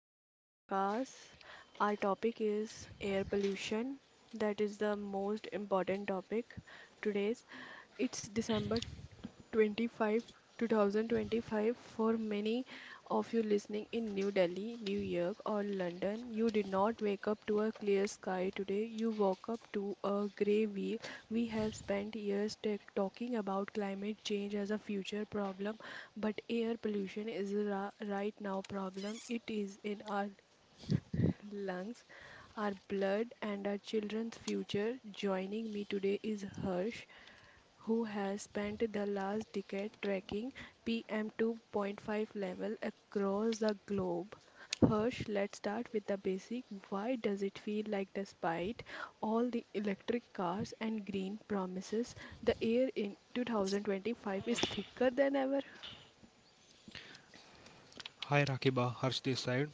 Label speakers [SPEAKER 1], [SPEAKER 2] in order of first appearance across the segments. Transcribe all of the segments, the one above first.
[SPEAKER 1] the new podcast. Our topic is air pollution. That is the most important topic today's. It's December 25, 2025. For many of you listening in New Delhi, New York, or London, you did not wake up to a clear sky today. You woke up to a grey wheel. We have spent years talking about climate change as a future problem, but air pollution is a right now problem. It is in our lungs, our blood, and our children's future. Joining me today is Harsh who has spent the last decade tracking PM 2.5 level across the globe. Hirsch, let's start with the basic. Why does it feel like, despite all the electric cars and green promises, the air in 2025 is thicker than ever?
[SPEAKER 2] Hi Rakiba, Harsh this side.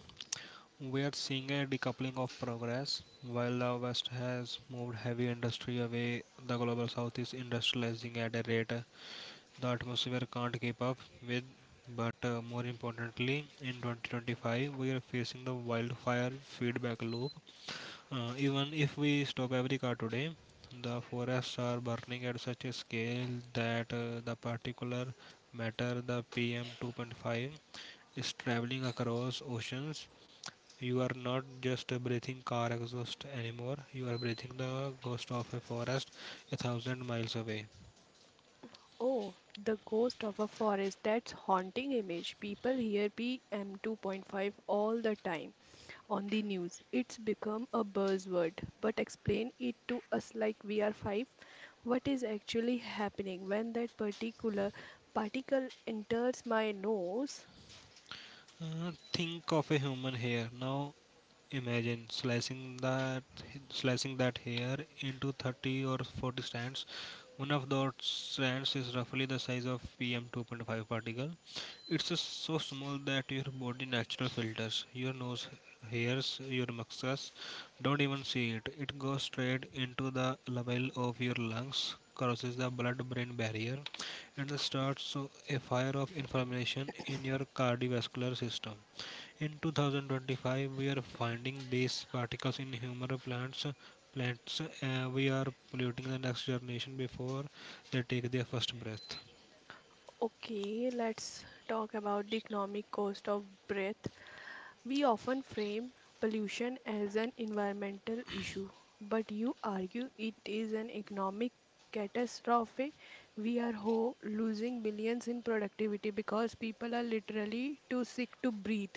[SPEAKER 2] We are seeing a decoupling of progress. While the West has moved heavy industry away, the global South is industrializing at a rate the atmosphere can't keep up with. But more importantly, in 2025, we are facing the wildfire feedback loop. Even if we stop every car today, the forests are burning at such a scale that the particular matter, the PM 2.5, is traveling across oceans. You are not just breathing car exhaust anymore, you are breathing the ghost of a forest a thousand miles away.
[SPEAKER 1] Oh, the ghost of a forest. That's haunting image. People hear PM 2.5 all the time on the news. It's become a buzzword. But explain it to us like we are five. What is actually happening when that particular particle enters my nose?
[SPEAKER 2] Think of a human hair. Now imagine slicing that hair into 30 or 40 strands. One of those strands is roughly the size of PM 2.5 particle. It's just so small that your body natural filters, your nose hairs, your mucus don't even see it. It goes straight into the level of your lungs, crosses the blood-brain barrier, and starts a fire of inflammation in your cardiovascular system. In 2025, we are finding these particles in human plants. Plants, we are polluting the next generation before they take their first breath.
[SPEAKER 1] Okay, let's talk about the economic cost of breath. We often frame pollution as an environmental issue, but you argue it is an economic catastrophe. We are losing billions in productivity because people are literally too sick to breathe.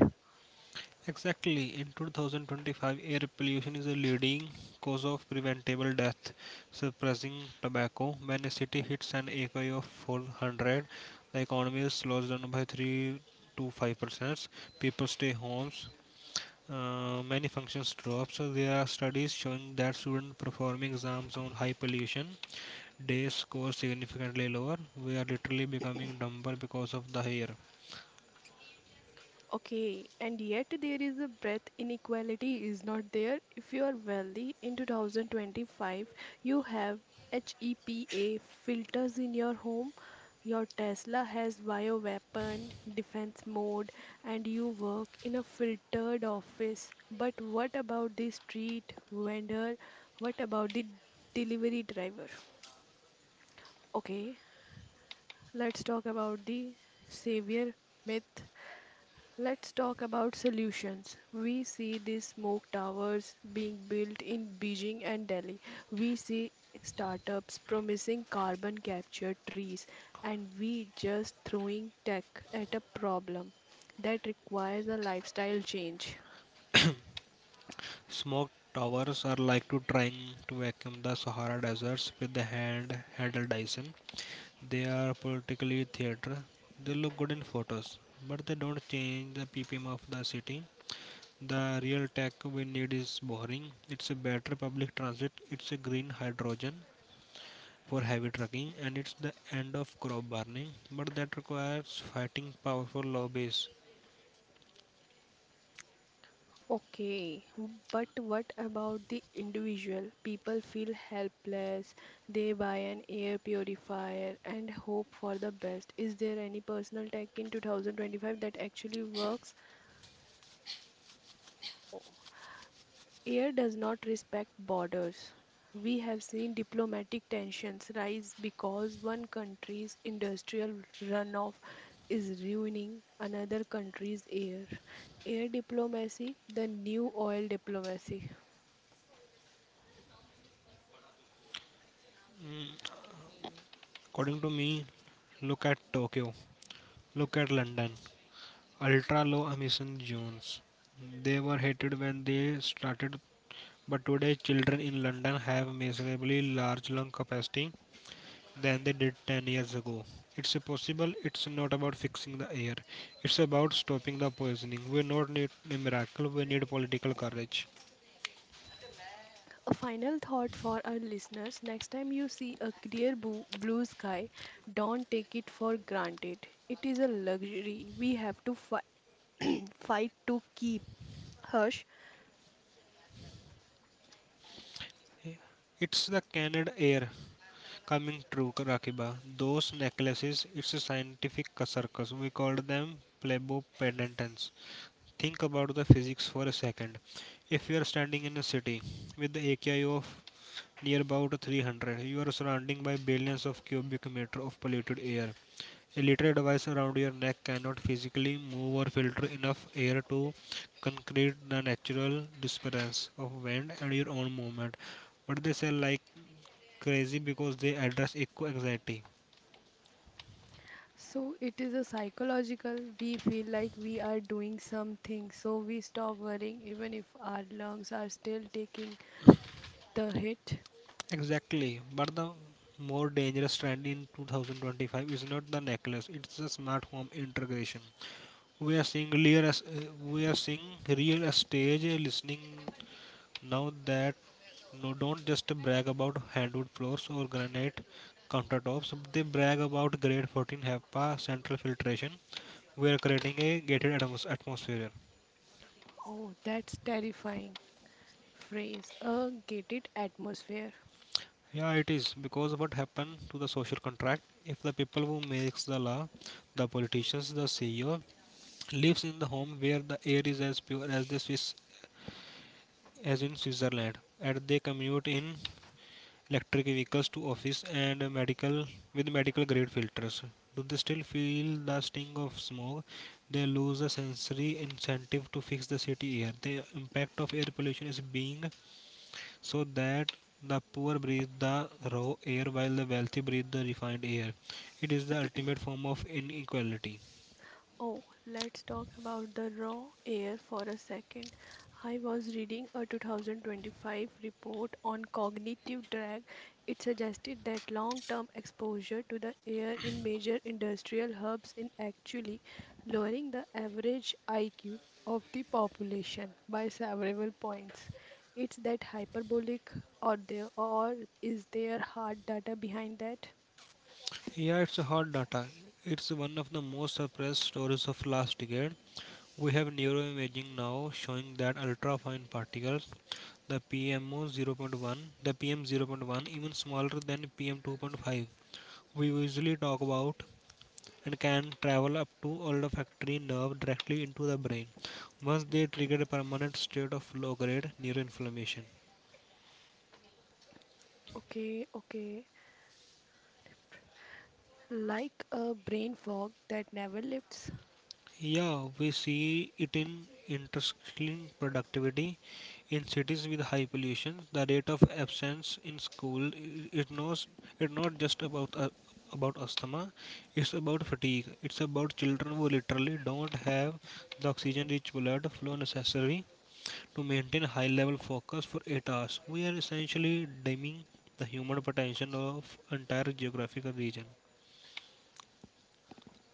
[SPEAKER 2] Exactly, in 2025, air pollution is a leading cause of preventable death, suppressing tobacco. When a city hits an AQI of 400, the economy slows down by 3 to 5%. People stay homes. Many functions drop. So there are studies showing that students performing exams on high pollution days score significantly lower. We are literally becoming dumber because of the air.
[SPEAKER 1] Okay, and yet there is a breadth inequality is not there. If you are wealthy in 2025, you have HEPA filters in your home, your Tesla has bioweapon defense mode, and you work in a filtered office. But what about the street vendor? What about the delivery driver? Okay, let's talk about the savior myth. Let's talk about solutions. We see these smoke towers being built in Beijing and Delhi. We see startups promising carbon capture trees, and we just throwing tech at a problem that requires a lifestyle change.
[SPEAKER 2] Smoke towers are like to trying to vacuum the Sahara deserts with the handled Dyson. They are politically theater. They look good in photos, but they don't change the ppm of the city. The real tech we need is boring. It's a better public transit. It's a green hydrogen for heavy trucking, and it's the end of crop burning, but that requires fighting powerful lobbies.
[SPEAKER 1] Okay, but what about the individual? People feel helpless, they buy an air purifier and hope for the best. Is there any personal tech in 2025 that actually works? O- Air does not respect borders. We have seen diplomatic tensions rise because one country's industrial runoff is ruining another country's air. Air diplomacy, the new oil diplomacy.
[SPEAKER 2] According to me, look at Tokyo, look at London, ultra low emission zones. They were hated when they started, but today children in London have measurably large lung capacity than they did 10 years ago. It's possible, it's not about fixing the air, it's about stopping the poisoning. We don't need a miracle, we need political courage.
[SPEAKER 1] A final thought for our listeners, next time you see a clear blue sky, don't take it for granted. It is a luxury we have to fight to keep. Hush.
[SPEAKER 2] It's the Canada air coming true, Rakiba. Those necklaces, it's a scientific circus. We called them plebo pendants. Think about the physics for a second. If you are standing in a city with the AQI of near about 300, you are surrounded by billions of cubic meter of polluted air. A literal device around your neck cannot physically move or filter enough air to concrete the natural disappearance of wind and your own movement. But they sell like crazy because they address eco anxiety.
[SPEAKER 1] So it is a psychological. We feel like we are doing something, so we stop worrying even if our lungs are still taking the hit.
[SPEAKER 2] Exactly, but the more dangerous trend in 2025 is not the necklace; it's the smart home integration. We are seeing real estate listening now that no, don't just brag about hardwood floors or granite countertops. They brag about grade 14 HEPA central filtration. We are creating a atmosphere.
[SPEAKER 1] Oh, that's terrifying. Phrase a gated atmosphere.
[SPEAKER 2] Yeah, it is, because what happened to the social contract? If the people who makes the law, the politicians, the CEO, lives in the home where the air is as pure as the Swiss, as in Switzerland, and they commute in electric vehicles to office and medical with medical grade filters. Do they still feel the sting of smoke? They lose the sensory incentive to fix the city air. The impact of air pollution is being so that the poor breathe the raw air while the wealthy breathe the refined air. It is the ultimate form of inequality.
[SPEAKER 1] Oh, let's talk about the raw air for a second. I was reading a 2025 report on cognitive drag. It suggested that long term exposure to the air in major industrial hubs is actually lowering the average IQ of the population by several points. It's that hyperbolic, or is there hard data behind that?
[SPEAKER 2] Yeah, it's a hard data. It's one of the most suppressed stories of last decade. We have neuroimaging now showing that ultrafine particles, the PMO 0.1, the PM 0.1, even smaller than PM 2.5, we usually talk about, and can travel up to olfactory nerve directly into the brain. Once they trigger a permanent state of low grade neuroinflammation.
[SPEAKER 1] Okay, okay. Like a brain fog that never lifts.
[SPEAKER 2] Yeah, we see it in intersecting productivity. In cities with high pollution, the rate of absence in school it knows. It's not just about asthma. It's about fatigue. It's about children who literally don't have the oxygen-rich blood flow necessary to maintain high level focus for 8 hours. We are essentially dimming the human potential of entire geographical region.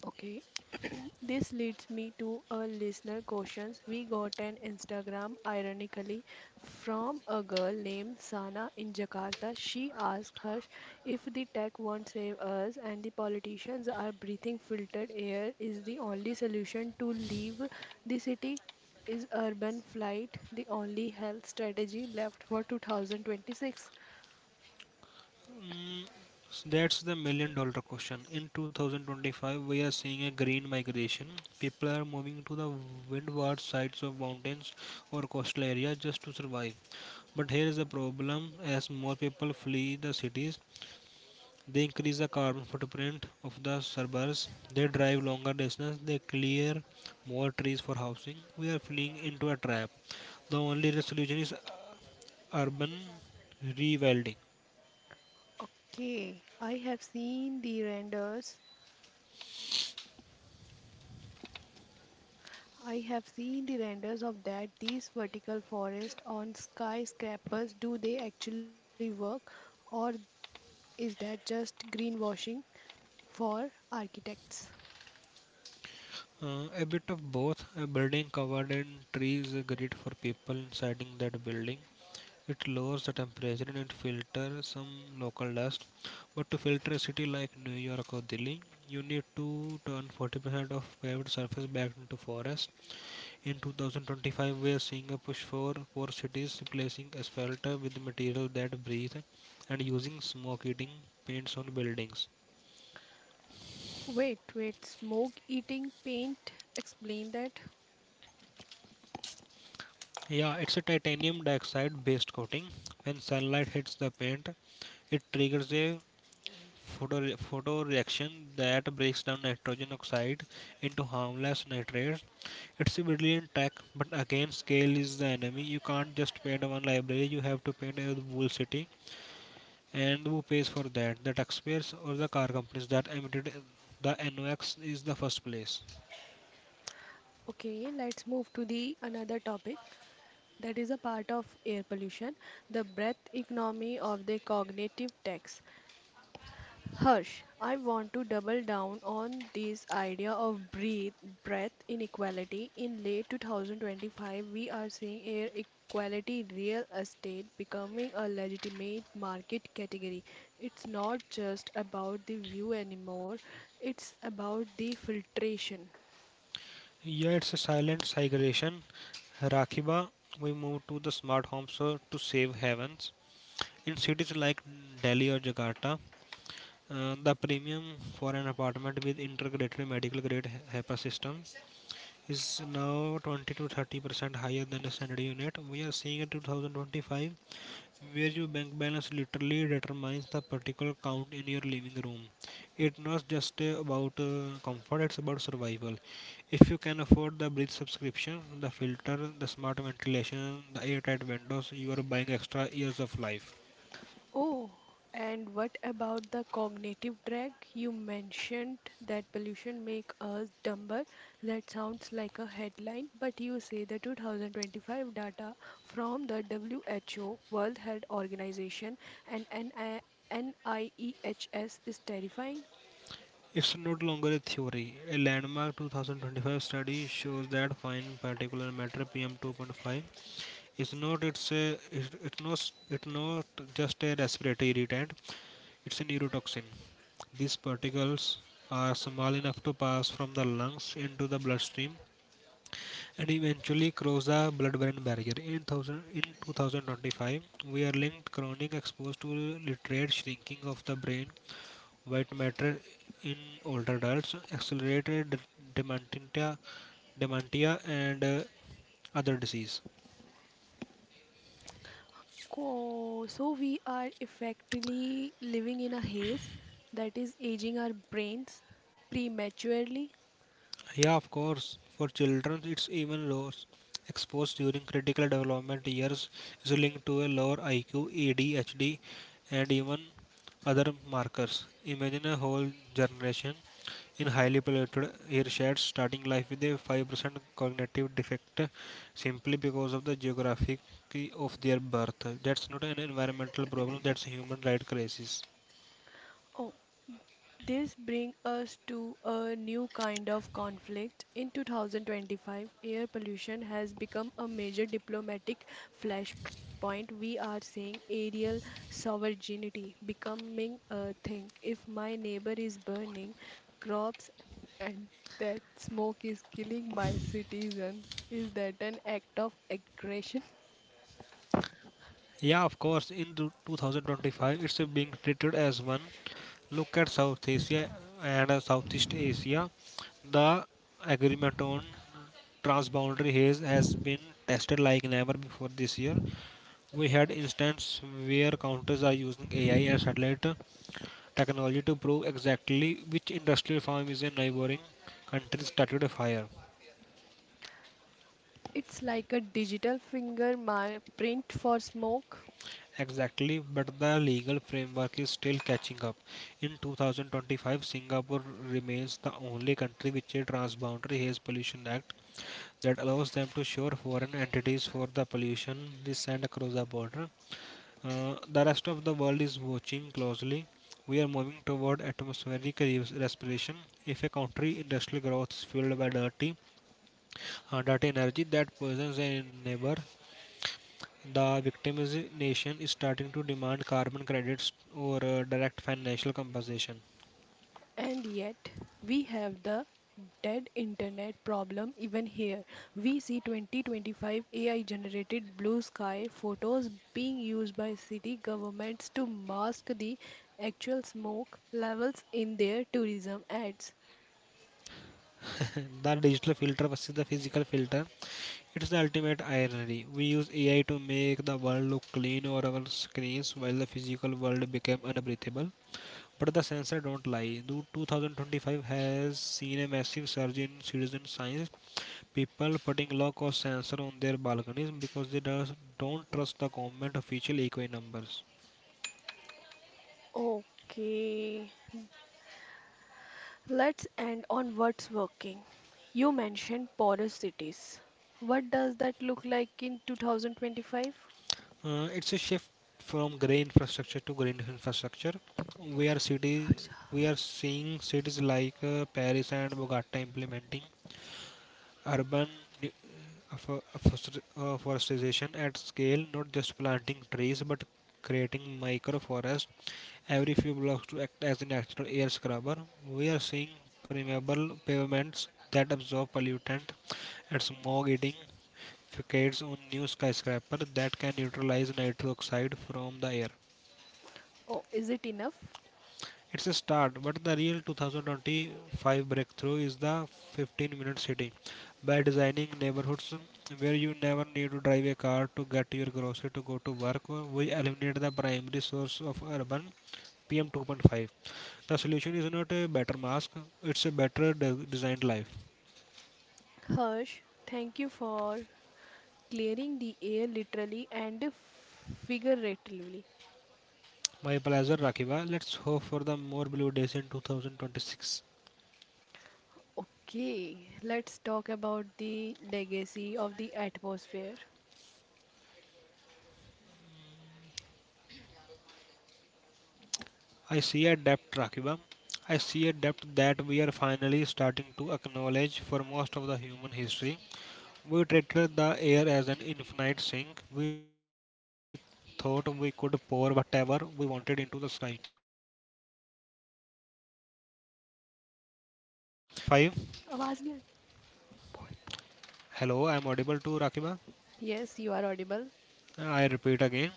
[SPEAKER 1] Okay, this leads me to a listener questions. We got an Instagram, ironically, from a girl named Sana in Jakarta. She asked her if the tech won't save us and the politicians are breathing filtered air is the only solution to leave the city. Is urban flight the only health strategy left for 2026?
[SPEAKER 2] Mm, that's the million-dollar question. In 2025, we are seeing a green migration. People are moving to the windward sides of mountains or coastal areas just to survive. But here is a problem, as more people flee the cities, they increase the carbon footprint of the suburbs, they drive longer distances, they clear more trees for housing. We are fleeing into a trap. The only resolution is urban rewilding.
[SPEAKER 1] Okay, I have seen the renders. I have seen the renders of that. These vertical forests on skyscrapers, do they actually work, or is that just greenwashing for architects?
[SPEAKER 2] A bit of both. A building covered in trees is great for people inside that building. It lowers the temperature and it filters some local dust. But to filter a city like New York or Delhi, you need to turn 40% of paved surface back into forest. In 2025, we are seeing a push for poor cities replacing asphalt with material that breathe and using smoke eating paints on buildings.
[SPEAKER 1] Wait, wait, smoke eating paint? Explain that.
[SPEAKER 2] Yeah, it's a titanium dioxide based coating. When sunlight hits the paint, it triggers a photo reaction that breaks down nitrogen oxide into harmless nitrates. It's a brilliant tech, but again, scale is the enemy. You can't just paint one library, you have to paint a whole city. And who pays for that? The taxpayers or the car companies that emitted the NOx is the first place.
[SPEAKER 1] Okay, let's move to the another topic that is a part of air pollution, the breath economy of the cognitive tax. Harsh, I want to double down on this idea of breath inequality. In late 2025, we are seeing air equality real estate becoming a legitimate market category. It's not just about the view anymore, it's about the filtration.
[SPEAKER 2] Yeah, it's a silent migration. Rakiba, we move to the smart homes so to save heavens. In cities like Delhi or Jakarta, the premium for an apartment with integrated medical grade HEPA system is now 20 to 30% higher than a standard unit. We are seeing in 2025 where your bank balance literally determines the particular count in your living room. It's not just about comfort, it's about survival. If you can afford the bridge subscription, the filter, the smart ventilation, the airtight windows, you are buying extra years of life.
[SPEAKER 1] Oh, and what about the cognitive drag? You mentioned that pollution make us dumber. That sounds like a headline, but you say the 2025 data from the WHO, World Health Organization, and NI NIEHS is terrifying.
[SPEAKER 2] It's not longer a theory. A landmark 2025 study shows that fine particulate matter PM2.5 is not it's a, it, it's not just a respiratory irritant. It's a neurotoxin. These particles are small enough to pass from the lungs into the bloodstream and eventually cross the blood-brain barrier. In 2025, we are linked chronic exposure to literate shrinking of the brain, white matter in older adults, accelerated dementia, dementia, and other disease.
[SPEAKER 1] So we are effectively living in a haze that is aging our brains prematurely.
[SPEAKER 2] Yeah, of course. For children, it's even worse. Exposed during critical development years is linked to a lower IQ, ADHD, and even other markers. Imagine a whole generation in highly polluted air sheds starting life with a 5% cognitive defect simply because of the geography of their birth. That's not an environmental problem, that's a human right crisis.
[SPEAKER 1] Oh, this brings us to a new kind of conflict. In 2025, air pollution has become a major diplomatic flashpoint. We are seeing aerial sovereignty becoming a thing. If my neighbor is burning crops and that smoke is killing my citizens, is that an act of aggression?
[SPEAKER 2] Yeah, of course. In the 2025, it's being treated as one. Look at South Asia and Southeast Asia. The agreement on transboundary haze has been tested like never before this year. We had instance where counters are using AI and satellite technology to prove exactly which industrial farm is in neighboring countries started a fire.
[SPEAKER 1] It's like a digital finger print for smoke.
[SPEAKER 2] Exactly, but the legal framework is still catching up. In 2025, Singapore remains the only country with a transboundary haze pollution act that allows them to shore foreign entities for the pollution they send across the border. The rest of the world is watching closely. We are moving toward atmospheric respiration. If a country industrial growth is fueled by dirty energy that poisons a neighbor, the victimization is starting to demand carbon credits or direct financial compensation.
[SPEAKER 1] And yet, we have the dead internet problem even here. We see 2025 AI generated blue sky photos being used by city governments to mask the actual smoke levels in their tourism ads.
[SPEAKER 2] The digital filter versus the physical filter. It's the ultimate irony. We use AI to make the world look clean over our screens while the physical world became unbreathable. But the sensor don't lie. The 2025 has seen a massive surge in citizen science. People putting low cost sensor on their balconies because don't trust the government official eco numbers.
[SPEAKER 1] Okay, let's end on what's working. You mentioned porous cities. What does that look like in 2025?
[SPEAKER 2] It's a shift from grey infrastructure to green infrastructure. We are city, we are seeing cities like Paris and Bogota implementing urban forestation at scale, not just planting trees but creating micro forests every few blocks to act as a natural air scrubber. We are seeing permeable pavements that absorb pollutant and smog eating facades on new skyscraper that can neutralize nitrous oxide from the air.
[SPEAKER 1] Oh, is it enough?
[SPEAKER 2] It's a start, but the real 2025 breakthrough is the 15-minute city. By designing neighborhoods where you never need to drive a car to get your grocery to go to work, we eliminate the primary source of urban PM 2.5. The solution is not a better mask, it's a better designed life.
[SPEAKER 1] Harsh, thank you for clearing the air literally and figuratively.
[SPEAKER 2] My pleasure, Rakiba. Let's hope for the more blue days in 2026.
[SPEAKER 1] Okay, let's talk about the legacy of the atmosphere.
[SPEAKER 2] I see a depth, Rakiba. I see a depth that we are finally starting to acknowledge for most of the human history. We treated the air as an infinite sink. We thought we could pour whatever we wanted into the sky and it would simply vanish. In thou-
[SPEAKER 1] आवाज नहीं आ
[SPEAKER 2] 2025,
[SPEAKER 1] रही. आवाज नहीं आ रही. बोल बोल.
[SPEAKER 2] hello, I am audible to Rakiba.
[SPEAKER 1] Yes, you are audible.
[SPEAKER 2] I repeat again.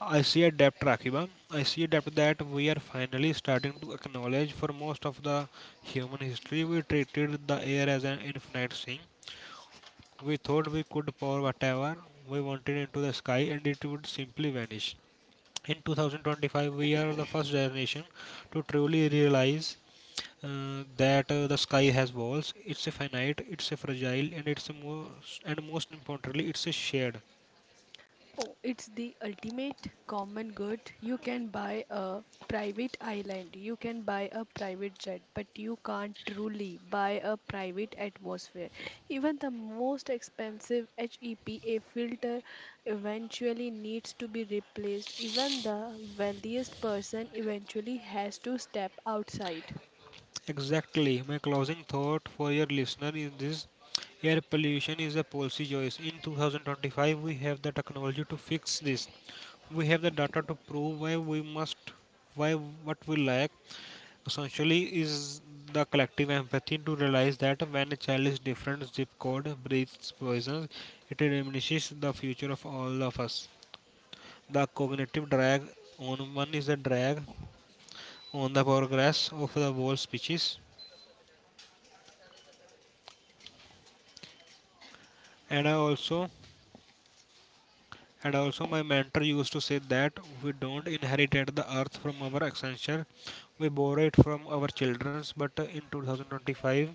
[SPEAKER 2] I see a depth, Rakiba. I see a depth that we are finally starting to acknowledge. For most of the human history, we treated the air as an infinite thing. We thought we could pour whatever we wanted into the sky and it would simply vanish. In 2025, we are the first generation to truly realize that the sky has walls. It's a finite, it's a fragile, and it's a most and most importantly, it's a shared.
[SPEAKER 1] Oh, it's the ultimate common good. You can buy a private island, you can buy a private jet, but you can't truly buy a private atmosphere. Even the most expensive HEPA filter eventually needs to be replaced. Even the wealthiest person eventually has to step outside.
[SPEAKER 2] Exactly. My closing thought for your listener is this: air pollution is a policy choice. In 2025, we have the technology to fix this. We have the data to prove why we must, why what we lack. Essentially, is the collective empathy to realize that when a child is different zip code breathes poison, it diminishes the future of all of us. The cognitive drag on one is a drag on the progress of the whole species. And I also and also my mentor used to say that we don't inherit the earth from our ancestors, we borrow it from our children. But in 2025,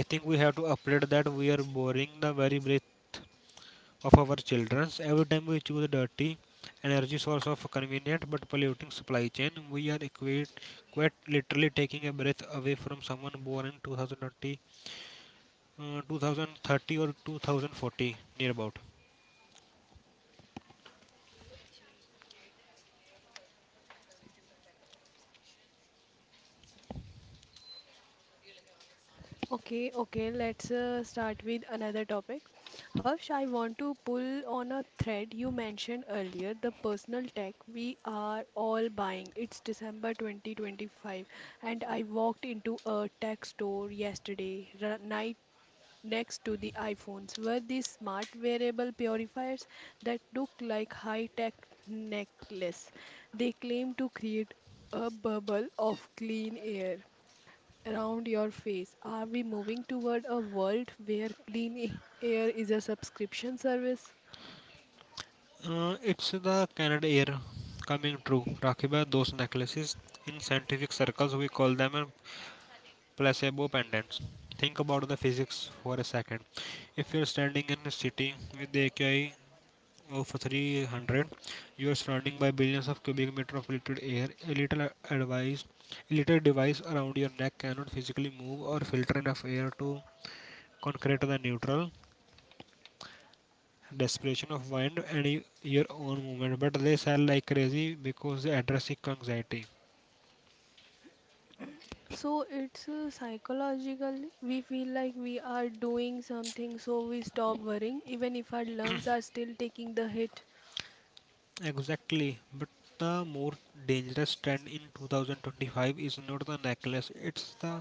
[SPEAKER 2] I think we have to update that. We are borrowing the very breath of our children. Every time we choose a dirty energy source of convenient but polluting supply chain, we are quite literally taking a breath away from someone born in 2020, 2030 or 2040 near about.
[SPEAKER 1] Okay, okay, let's start with another topic. Harsh, I want to pull on a thread you mentioned earlier, the personal tech we are all buying. It's December 2025, and I walked into a tech store yesterday, night next to the iPhones, were these smart wearable purifiers that look like high-tech necklace. They claim to create a bubble of clean air around your face. Are we moving toward a world where clean air is a subscription service?
[SPEAKER 2] It's the Canada Air coming true. Rakhi Bhai, those necklaces, in scientific circles, we call them placebo pendants. Think about the physics for a second. If you're standing in a city with the AQI of 300, you are surrounded by billions of cubic meter of filtered air. A little advice, a little device around your neck cannot physically move or filter enough air to concrete the neutral desperation of wind and your own movement, but they sell like crazy because they address anxiety.
[SPEAKER 1] So it's psychologically we feel like we are doing something so we stop worrying even if our lungs are still taking the hit.
[SPEAKER 2] Exactly. But the more dangerous trend in 2025 is not the necklace, it's the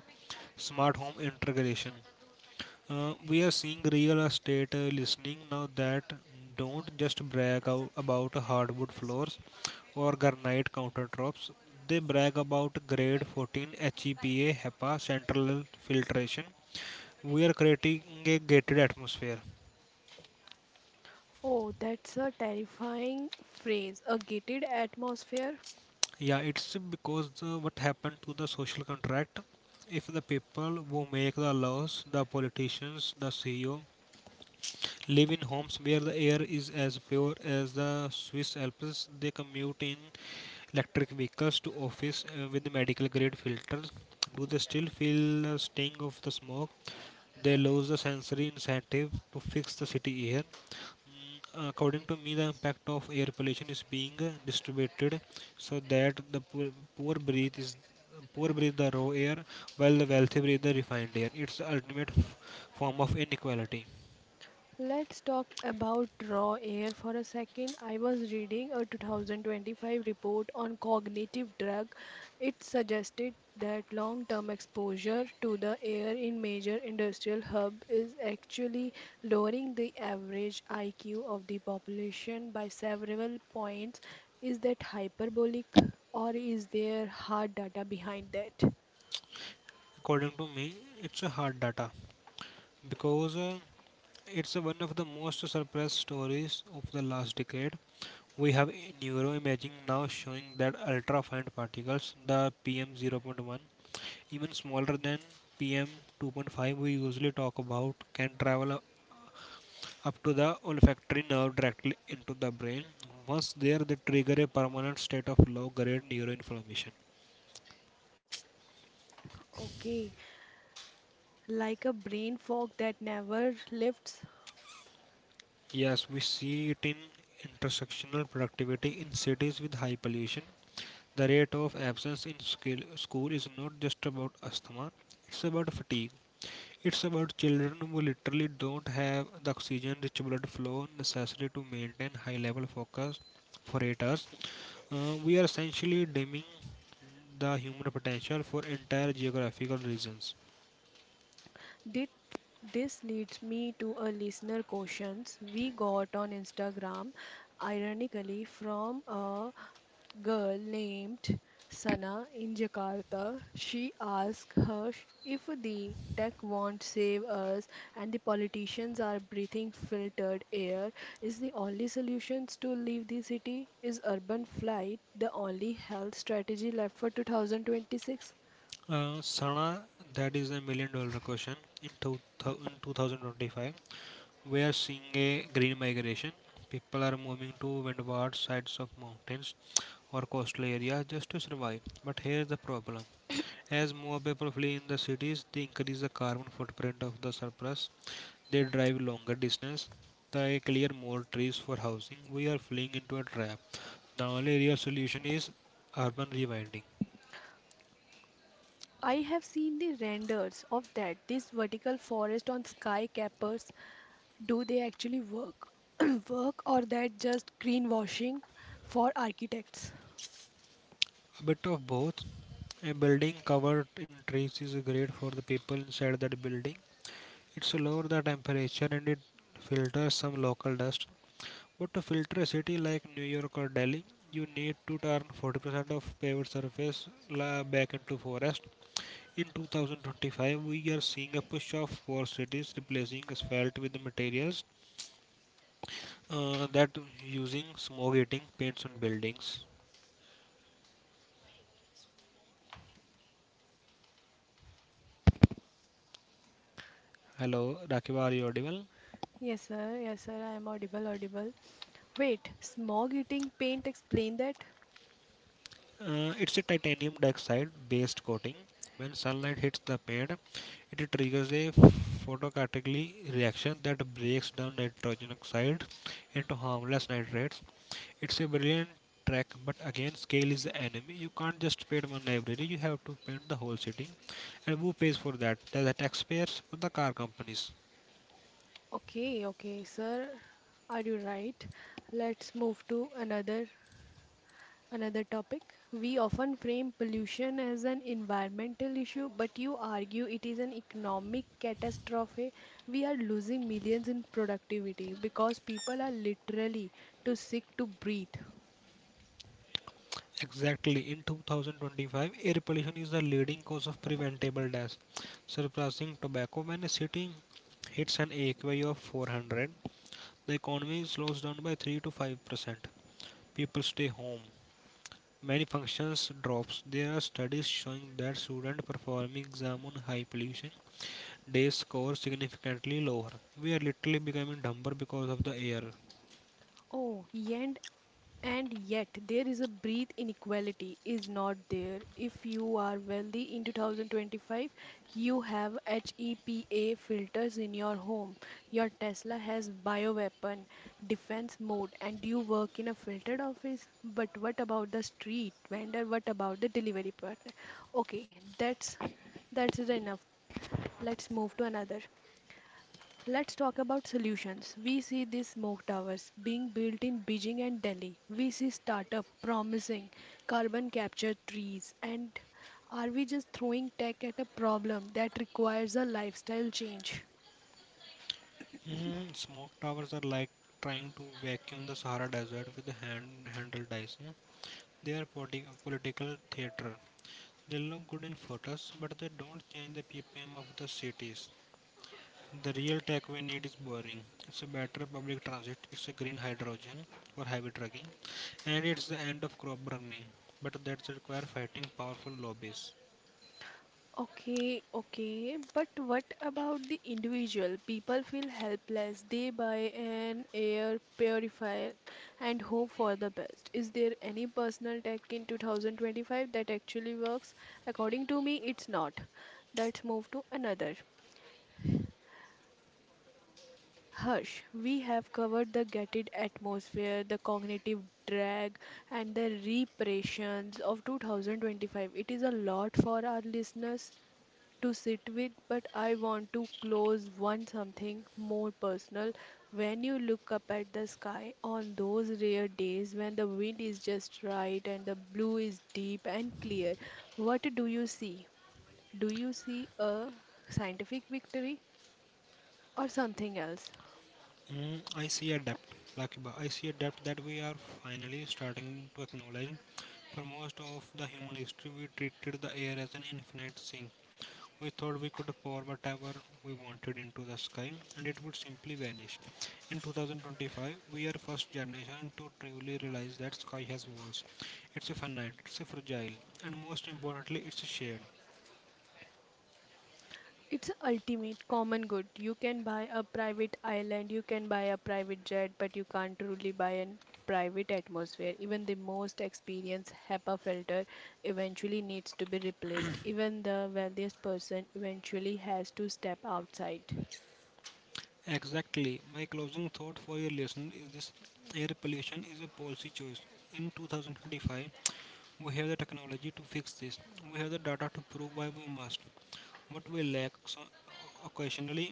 [SPEAKER 2] smart home integration. We are seeing real estate listening now that don't just brag out about hardwood floors or granite countertops. They brag about grade 14 HEPA central filtration. We are creating a gated atmosphere.
[SPEAKER 1] Oh, that's a terrifying phrase. A gated atmosphere.
[SPEAKER 2] Yeah, it's because what happened to the social contract? If the people who make the laws, the politicians, the CEO, live in homes where the air is as pure as the Swiss Alps. They commute in electric vehicles to office with medical grade filters. Do they still feel the sting of the smoke? They lose the sensory incentive to fix the city air. Mm, according to me, the impact of air pollution is being distributed so that the poor, poor breathe is poor breathe the raw air while the wealthy breathe the refined air. It's the ultimate form of inequality.
[SPEAKER 1] Let's talk about raw air for a second. I was reading a 2025 report on cognitive drug. It suggested that long-term exposure to the air in major industrial hub is actually lowering the average IQ of the population by several points. Is that hyperbolic or is there hard data behind that?
[SPEAKER 2] According to me, it's a hard data because it's one of the most suppressed stories of the last decade. We have neuroimaging now showing that ultrafine particles, the PM0.1, even smaller than PM2.5 we usually talk about, can travel up to the olfactory nerve directly into the brain. Once there, they trigger a permanent state of low grade neuroinflammation.
[SPEAKER 1] Okay, like a brain fog that never lifts.
[SPEAKER 2] Yes, we see it in intersectional productivity in cities with high pollution. The rate of absence in school is not just about asthma, it's about fatigue. It's about children who literally don't have the oxygen rich blood flow necessary to maintain high level focus for 8 hours. We are essentially dimming the human potential for entire geographical regions.
[SPEAKER 1] Did this leads me to a listener questions we got on Instagram, ironically from a girl named Sana in Jakarta. She asked her if the tech won't save us and the politicians are breathing filtered air, is the only solution to leave the city? Is urban flight the only health strategy left for 2026?
[SPEAKER 2] Sana, that is a $1 million question in, two, in 2025. We are seeing a green migration. People are moving to windward sides of mountains or coastal areas just to survive. But here's the problem. As more people flee in the cities, they increase the carbon footprint of the surplus. They drive longer distance. They clear more trees for housing. We are fleeing into a trap. The only real solution is urban rewilding.
[SPEAKER 1] I have seen the renders of that. This vertical forest on sky, do they actually work? work or that just greenwashing for architects?
[SPEAKER 2] A bit of both. A building covered in trees is great for the people inside that building. It's lower the temperature and it filters some local dust. But to filter a city like New York or Delhi, you need to turn 40% of paved surface back into forest. In 2025, we are seeing a push of poor cities replacing asphalt with materials that using smog eating paints on buildings. Hello, Rakiba, are you audible?
[SPEAKER 1] Yes, sir. Yes, sir. I am audible, audible. Wait, smog eating paint, explain that?
[SPEAKER 2] It's a titanium dioxide based coating. When sunlight hits the paint, it triggers a photocatalytic reaction that breaks down nitrogen oxide into harmless nitrates. It's a brilliant track, but again, scale is the enemy. You can't just paint one library, you have to paint the whole city. And who pays for that? The taxpayers or the car companies?
[SPEAKER 1] Okay, okay, sir. Are you right? Let's move to another topic. We often frame pollution as an environmental issue, but you argue it is an economic catastrophe. We are losing millions in productivity because people are literally too sick to breathe.
[SPEAKER 2] Exactly. In 2025, air pollution is the leading cause of preventable deaths, surpassing tobacco. When a city hits an AQI of 400, the economy slows down by 3 to 5%. People stay home. Many functions drops. There are studies showing that students performing exam on high pollution days score significantly lower. We are literally becoming dumber because of the air.
[SPEAKER 1] Oh, and yet there is a breath inequality is not there. If you are wealthy in 2025, you have HEPA filters in your home. Your Tesla has bioweapon defense mode and you work in a filtered office. But what about the street vendor? What about the delivery partner? Okay, that's the enough. Let's move to another. Let's talk about solutions. We see these smoke towers being built in Beijing and Delhi. We see startup promising carbon capture trees. And are we just throwing tech at a problem that requires a lifestyle change?
[SPEAKER 2] Mm, smoke towers are like trying to vacuum the Sahara Desert with handled dice. Yeah. They are political theater. They look good in photos, but they don't change the ppm of the cities. The real tech we need is boring. It's a better public transit. It's a green hydrogen for heavy trucking, and it's the end of crop burning. But that's require fighting powerful lobbies.
[SPEAKER 1] Okay, okay, but what about the individual? People feel helpless. They buy an air purifier and hope for the best. Is there any personal tech in 2025 that actually works? According to me, it's not. Let's move to another. Hush, we have covered the gated atmosphere, the cognitive drag, and the repressions of 2025. It is a lot for our listeners to sit with, but I want to close one something more personal. When you look up at the sky on those rare days when the wind is just right and the blue is deep and clear, what do you see? Do you see a scientific victory or something else?
[SPEAKER 2] Mm, I see a depth, Lucky. I see a depth that we are finally starting to acknowledge. For most of the human history, we treated the air as an infinite sink. We thought we could pour whatever we wanted into the sky and it would simply vanish. In 2025, we are first generation to truly realize that sky has walls. It's a finite, it's a fragile, and most importantly, it's shared.
[SPEAKER 1] It's a ultimate common good. You can buy a private island, you can buy a private jet, but you can't truly buy a private atmosphere. Even the most experienced HEPA filter eventually needs to be replaced. Even the wealthiest person eventually has to step outside.
[SPEAKER 2] Exactly. My closing thought for your lesson is this: air pollution is a policy choice. In 2025, we have the technology to fix this. We have the data to prove why we must. What we lack so occasionally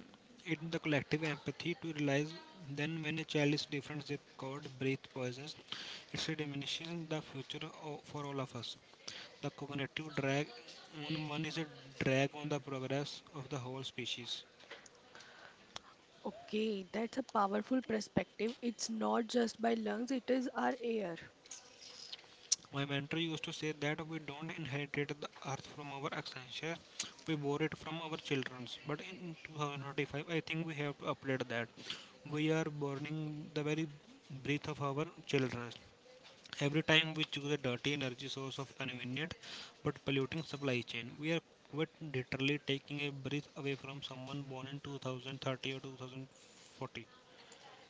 [SPEAKER 2] is the collective empathy to realize then when a child is different zip code, breath poisons, it's diminishing the future for all of us. The cognitive drag on one is a drag on the progress of the whole species.
[SPEAKER 1] Okay, that's a powerful perspective. It's not just by lungs, it is our air.
[SPEAKER 2] My mentor used to say that we don't inherit the earth from our ancestors, we borrow it from our children. But in 2025, I think we have to update that. We are burning the very breath of our children. Every time we choose a dirty energy source of convenient but polluting supply chain, we are quite literally taking a breath away from someone born in 2030 or 2040.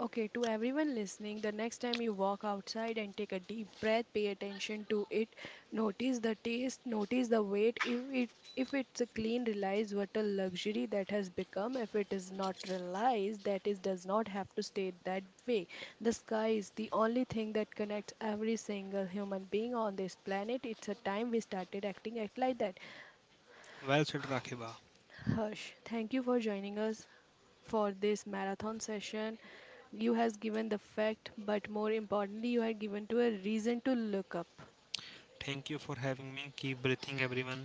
[SPEAKER 1] Okay, to everyone listening, the next time you walk outside and take a deep breath, pay attention to it. Notice the taste, notice the weight. If it's a clean, realize what a luxury that has become. If it is not realized, that is does not have to stay that way. The sky is the only thing that connects every single human being on this planet. It's a time we started act like that.
[SPEAKER 2] Well said, Rakiba.
[SPEAKER 1] Harsh, thank you for joining us for this marathon session. You has given the fact, but more importantly, you have given to a reason to look up.
[SPEAKER 2] Thank you for having me. Keep breathing, everyone.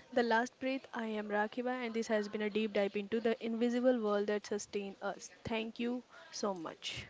[SPEAKER 1] The last breath, I am Rakiba, and this has been a deep dive into the invisible world that sustain us. Thank you so much.